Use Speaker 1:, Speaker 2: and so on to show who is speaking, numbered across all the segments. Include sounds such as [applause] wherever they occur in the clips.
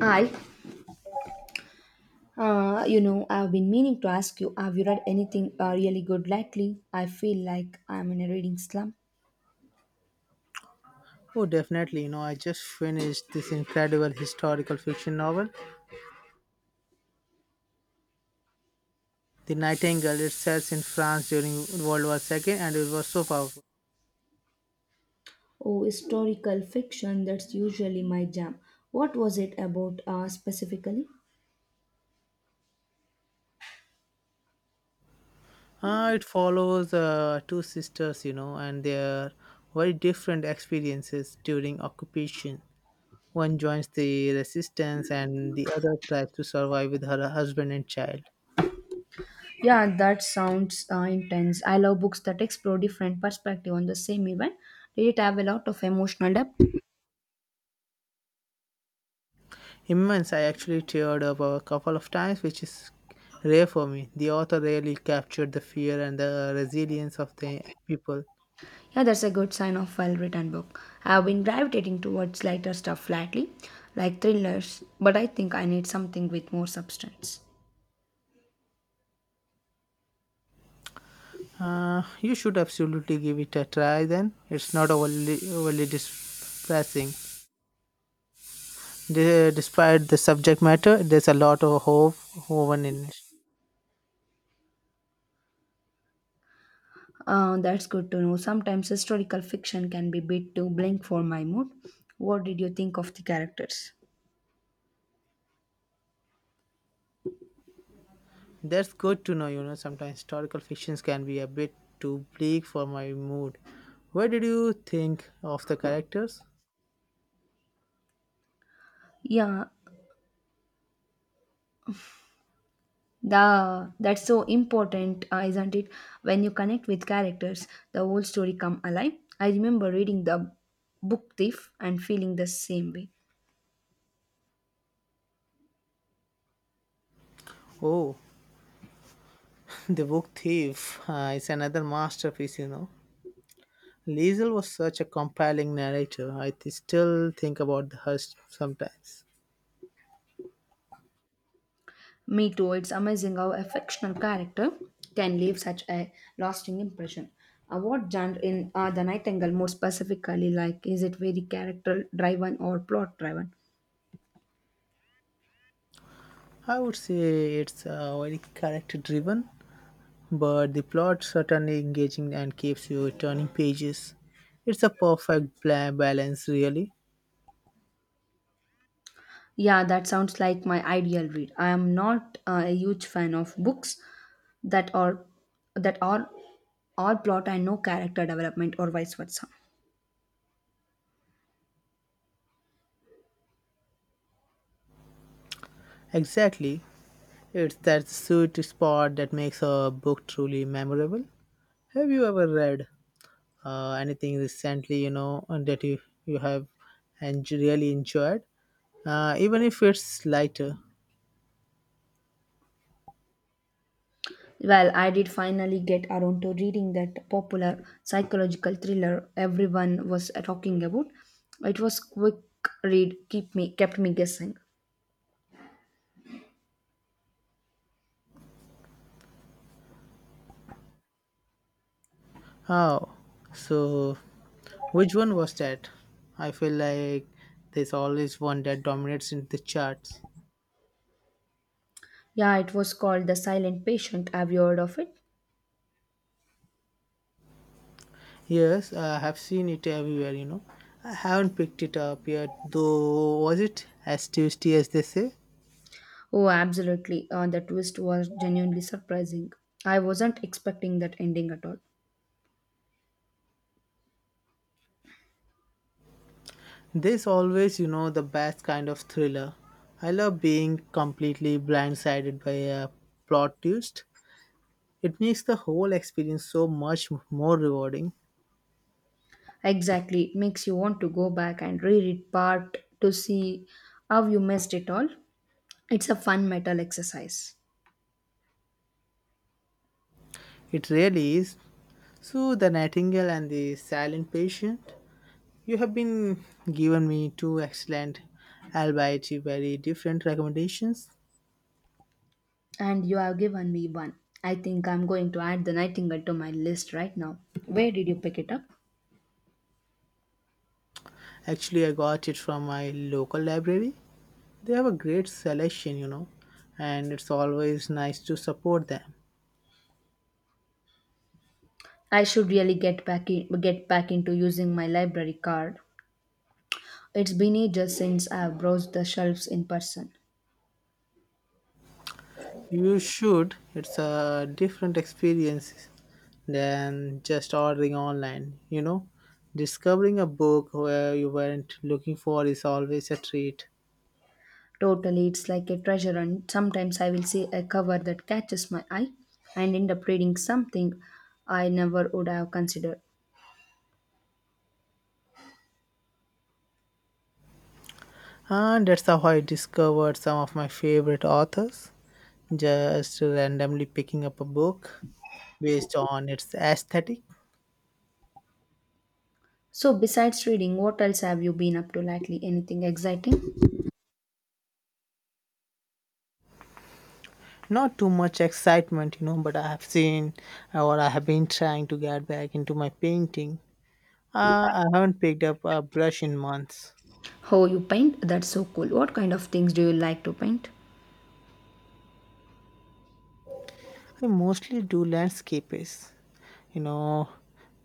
Speaker 1: I, I've been meaning to ask you, have you read anything really good lately? I feel like I'm in a reading slump.
Speaker 2: Oh, definitely. You know, I just finished this incredible historical fiction novel, The Nightingale. It sets in France during World War Two, and it was so powerful.
Speaker 1: Oh, historical fiction, that's usually my jam. What was it about specifically?
Speaker 2: It follows two sisters, you know, and their very different experiences during occupation. One joins the resistance, and the other tries to survive with her husband and child.
Speaker 1: Yeah, that sounds intense. I love books that explore different perspective on the same event. Did it have a lot of emotional depth?
Speaker 2: Immense. I actually teared up a couple of times, which is rare for me. The author really captured the fear and the resilience of the people
Speaker 1: Yeah, that's a good sign of well-written book. I've been gravitating towards lighter stuff lately, like thrillers, but I think I need something with more substance.
Speaker 2: Uh, you should absolutely give it a try then. It's not overly depressing. Despite the subject matter, there's a lot of hope woven in it.
Speaker 1: That's good to know. Sometimes historical fiction can be a bit too blank for my mood. What did you think of the characters?
Speaker 2: That's good to know, you know. Sometimes historical fictions can be a bit too bleak for my mood. What did you think of the characters?
Speaker 1: Yeah, the that's so important, isn't it? When you connect with characters, the whole story come alive. I remember reading the Book Thief and feeling the same way.
Speaker 2: Oh, [laughs] The Book Thief is another masterpiece, you know. Liesel was such a compelling narrator. I still think about her sometimes.
Speaker 1: Me too. It's amazing how a fictional character can leave such a lasting impression. What genre in the Nightingale more specifically like? Is it very character driven or plot driven?
Speaker 2: I would say it's very character driven, but the plot certainly engaging and keeps you turning pages. It's a perfect balance, really.
Speaker 1: Yeah, that sounds like my ideal read. I am not a huge fan of books that are that are all plot and no character development or vice versa.
Speaker 2: Exactly. It's that sweet spot that makes a book truly memorable. Have you ever read anything recently, you know, and that you have and really enjoyed? Even if it's lighter.
Speaker 1: Well, I did finally get around to reading that popular psychological thriller everyone was talking about. It was quick read, keep me kept me guessing.
Speaker 2: Oh, so which one was that? I feel like there's always one that dominates in the charts.
Speaker 1: Yeah, it was called The Silent Patient. Have you heard of it?
Speaker 2: Yes, I have seen it everywhere, you know. I haven't picked it up yet, though. Was it as tasty as they say?
Speaker 1: Oh, absolutely. The twist was genuinely surprising. I wasn't expecting that ending at all.
Speaker 2: There's always, you know, the best kind of thriller. I love being completely blindsided by a plot twist. It makes the whole experience so much more rewarding.
Speaker 1: Exactly. It makes you want to go back and reread part to see how you missed it all. It's a fun metal exercise.
Speaker 2: It really is. So, The Nightingale and the Silent Patient, you have been given me two excellent, albeit very different recommendations.
Speaker 1: And you have given me one. I think I'm going to add the Nightingale to my list right now. Where did you pick it up?
Speaker 2: Actually, I got it from my local library. They have a great selection, you know, and it's always nice to support them.
Speaker 1: I should really get back into using my library card. It's been ages since I've browsed the shelves in person.
Speaker 2: You should, it's a different experience than just ordering online, you know. Discovering a book where you weren't looking for is always a treat.
Speaker 1: Totally, it's like a treasure hunt. Sometimes I will see a cover that catches my eye and end up reading something I never would have considered.
Speaker 2: And that's how I discovered some of my favorite authors, just randomly picking up a book based on its aesthetic.
Speaker 1: So, besides reading, what else have you been up to lately? Anything exciting?
Speaker 2: Not too much excitement, you know, but I have seen or I have been trying to get back into my painting. I haven't picked up a brush in months.
Speaker 1: Oh, you paint? That's so cool. What kind of things do you like to paint?
Speaker 2: I mostly do landscapes, you know.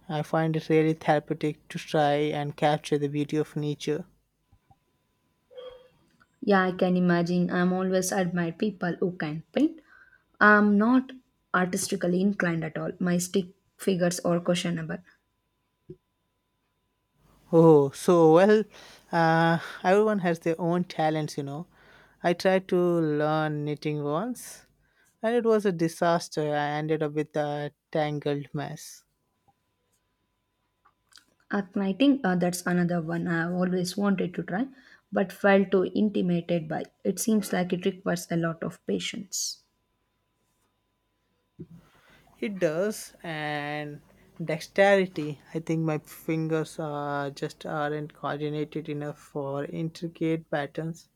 Speaker 2: I find it really therapeutic to try and capture the beauty of nature
Speaker 1: Yeah, I can imagine. I'm always admire people who can paint. I'm not artistically inclined at all. My stick figures are questionable.
Speaker 2: Oh, so well, uh, everyone has their own talents, you know. I tried to learn knitting once, and it was a disaster. I ended up with a tangled mess.
Speaker 1: Aknighting, that's another one I've always wanted to try, but felt too intimidated by. It seems like it requires a lot of patience.
Speaker 2: It does, and dexterity. I think my fingers just aren't coordinated enough for intricate patterns.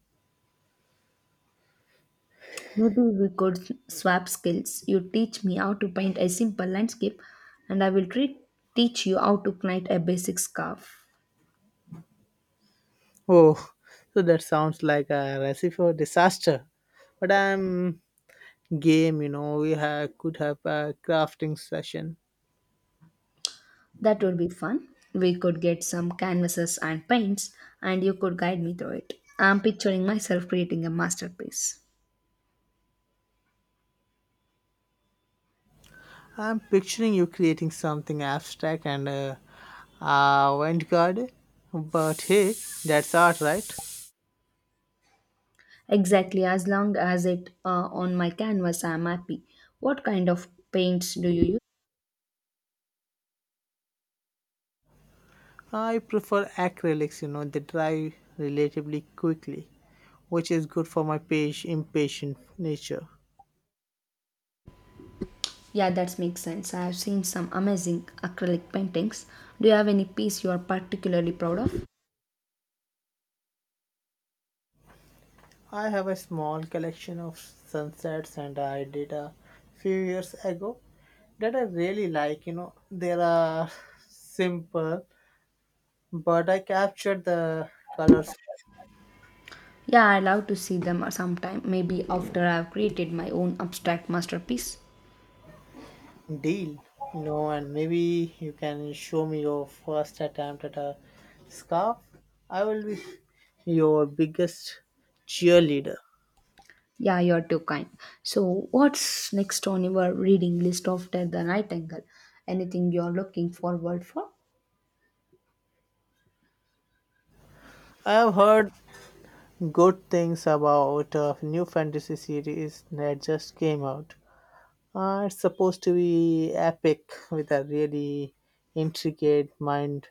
Speaker 1: Maybe we could swap skills. You teach me how to paint a simple landscape, and teach you how to knit a basic scarf.
Speaker 2: Oh, so that sounds like a recipe for disaster. But I'm game, you know. We could have a crafting session.
Speaker 1: That would be fun. We could get some canvases and paints, and you could guide me through it. I'm picturing myself creating a masterpiece.
Speaker 2: I'm picturing you creating something abstract and avant-garde, but hey, that's art, right?
Speaker 1: Exactly, as long as it on my canvas, I'm happy. What kind of paints do you use?
Speaker 2: I prefer acrylics, you know, they dry relatively quickly, which is good for my page impatient nature.
Speaker 1: Yeah, that makes sense. I have seen some amazing acrylic paintings. Do you have any piece you are particularly proud of?
Speaker 2: I have a small collection of sunsets and I did a few years ago that I really like. You know, they are simple, but I captured the colors.
Speaker 1: Yeah, I love to see them sometime, maybe after I've created my own abstract masterpiece.
Speaker 2: Deal. No, and maybe you can show me your first attempt at a scarf. I will be your biggest cheerleader.
Speaker 1: Yeah, you're too kind. So, what's next on your reading list after The Nightingale? Anything you're looking forward for?
Speaker 2: I have heard good things about a new fantasy series that just came out. It's supposed to be epic with a really intricate mind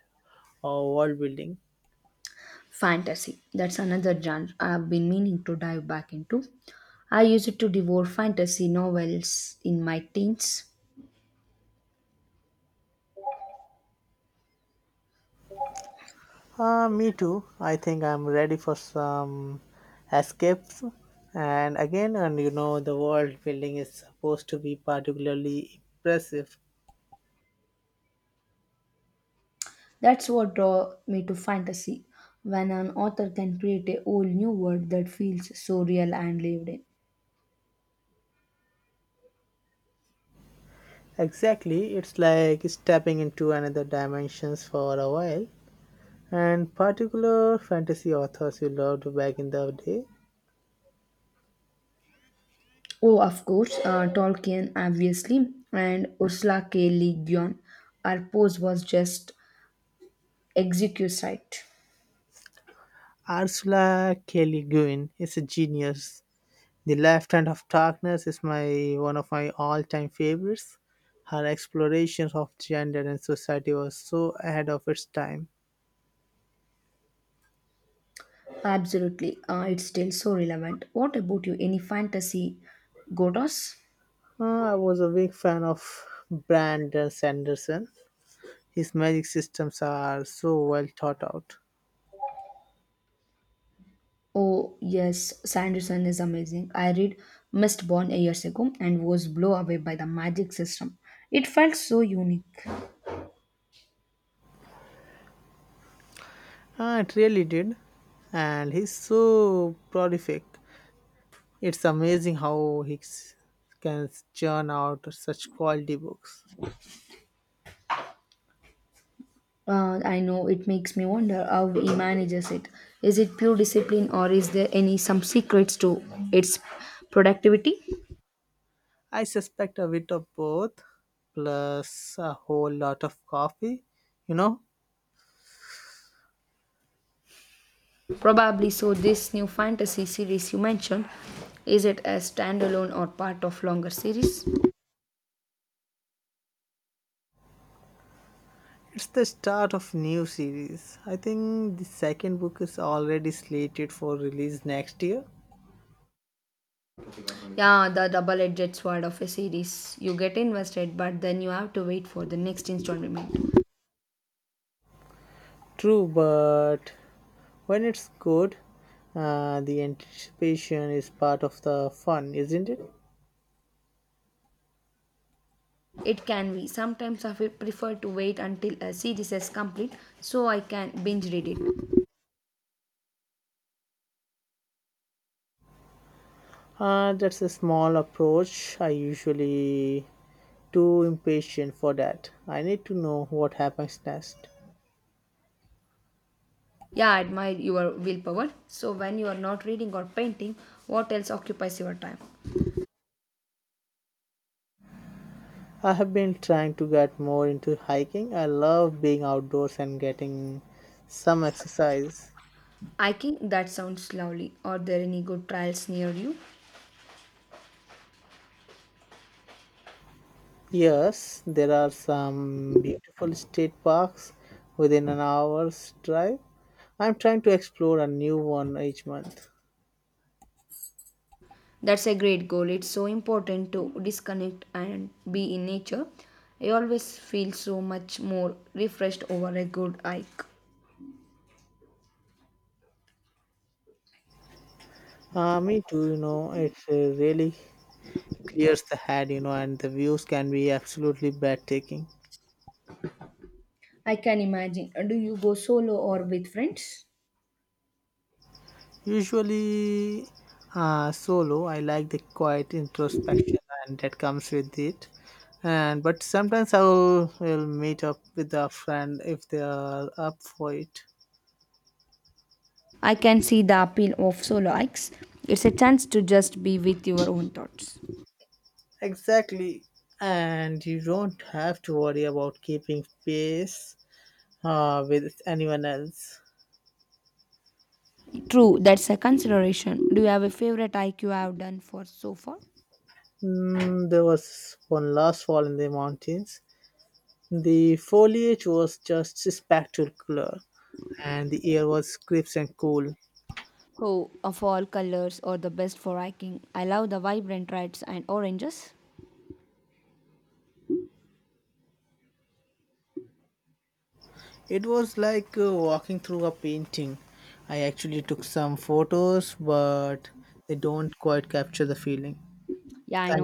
Speaker 2: or world building.
Speaker 1: Fantasy. That's another genre I've been meaning to dive back into. I used to devour fantasy novels in my teens.
Speaker 2: Me too. I think I'm ready for some escapes. And again, and you know, the world building is supposed to be particularly impressive.
Speaker 1: That's what draw me to fantasy, when an author can create a whole new world that feels so real and lived in.
Speaker 2: Exactly, it's like stepping into another dimensions for a while. And particular fantasy authors you loved back in the day,
Speaker 1: Oh, of course, Tolkien, obviously, and Ursula K. Le Guin. Her pose was just exquisite.
Speaker 2: Ursula K. Le Guin is a genius. The Left Hand of Darkness is my one of my all-time favorites. Her explorations of gender and society was so ahead of its time.
Speaker 1: Absolutely, it's still so relevant. What about you? Any fantasy godos?
Speaker 2: I was a big fan of Brandon Sanderson. His magic systems are so well thought out.
Speaker 1: Oh, yes, Sanderson is amazing. I read Mistborn years ago and was blown away by the magic system. It felt so unique.
Speaker 2: It really did, and he's so prolific. It's amazing how he can churn out such quality books.
Speaker 1: I know it makes me wonder how he manages it. Is it pure discipline or is there any some secrets to its productivity?
Speaker 2: I suspect a bit of both, plus a whole lot of coffee. You know,
Speaker 1: Probably so. This new fantasy series you mentioned, is it a standalone or part of longer series?
Speaker 2: it's the start of new series. I think the second book is already slated for release next year.
Speaker 1: Yeah, the double-edged sword of a series. You get invested, but then you have to wait for the next installment.
Speaker 2: True, but when it's good, the anticipation is part of the fun, isn't it?
Speaker 1: It can be. Sometimes I prefer to wait until a series is complete so I can binge read it.
Speaker 2: That's a small approach. I usually too impatient for that. I need to know what happens next.
Speaker 1: Yeah, I admire your willpower. So, when you are not reading or painting, what else occupies your time?
Speaker 2: I have been trying to get more into hiking. I love being outdoors and getting some exercise.
Speaker 1: Hiking? That sounds lovely. Are there any good trails near you?
Speaker 2: Yes, there are some beautiful state parks within an hour's drive. I'm trying to explore a new one each month.
Speaker 1: That's a great goal. It's so important to disconnect and be in nature. I always feel so much more refreshed over a good hike.
Speaker 2: Me too, you know, it really clears the head, you know, and the views can be absolutely breathtaking.
Speaker 1: I can imagine. Do you go solo or with friends?
Speaker 2: Usually solo, I like the quiet introspection and that comes with it. And but sometimes I will meet up with a friend if they are up for it.
Speaker 1: I can see the appeal of solo hikes. It's a chance to just be with your own thoughts.
Speaker 2: Exactly. And you don't have to worry about keeping pace with anyone else.
Speaker 1: True, that's a consideration. Do you have a favorite hike you have done for so far?
Speaker 2: Mm, there was one last fall in the mountains. The foliage was just spectacular, and the air was crisp and cool.
Speaker 1: Oh, of all colors or the best for hiking. I love the vibrant reds and oranges.
Speaker 2: It was like walking through a painting. I actually took some photos, but they don't quite capture the feeling.
Speaker 1: Yeah, I know.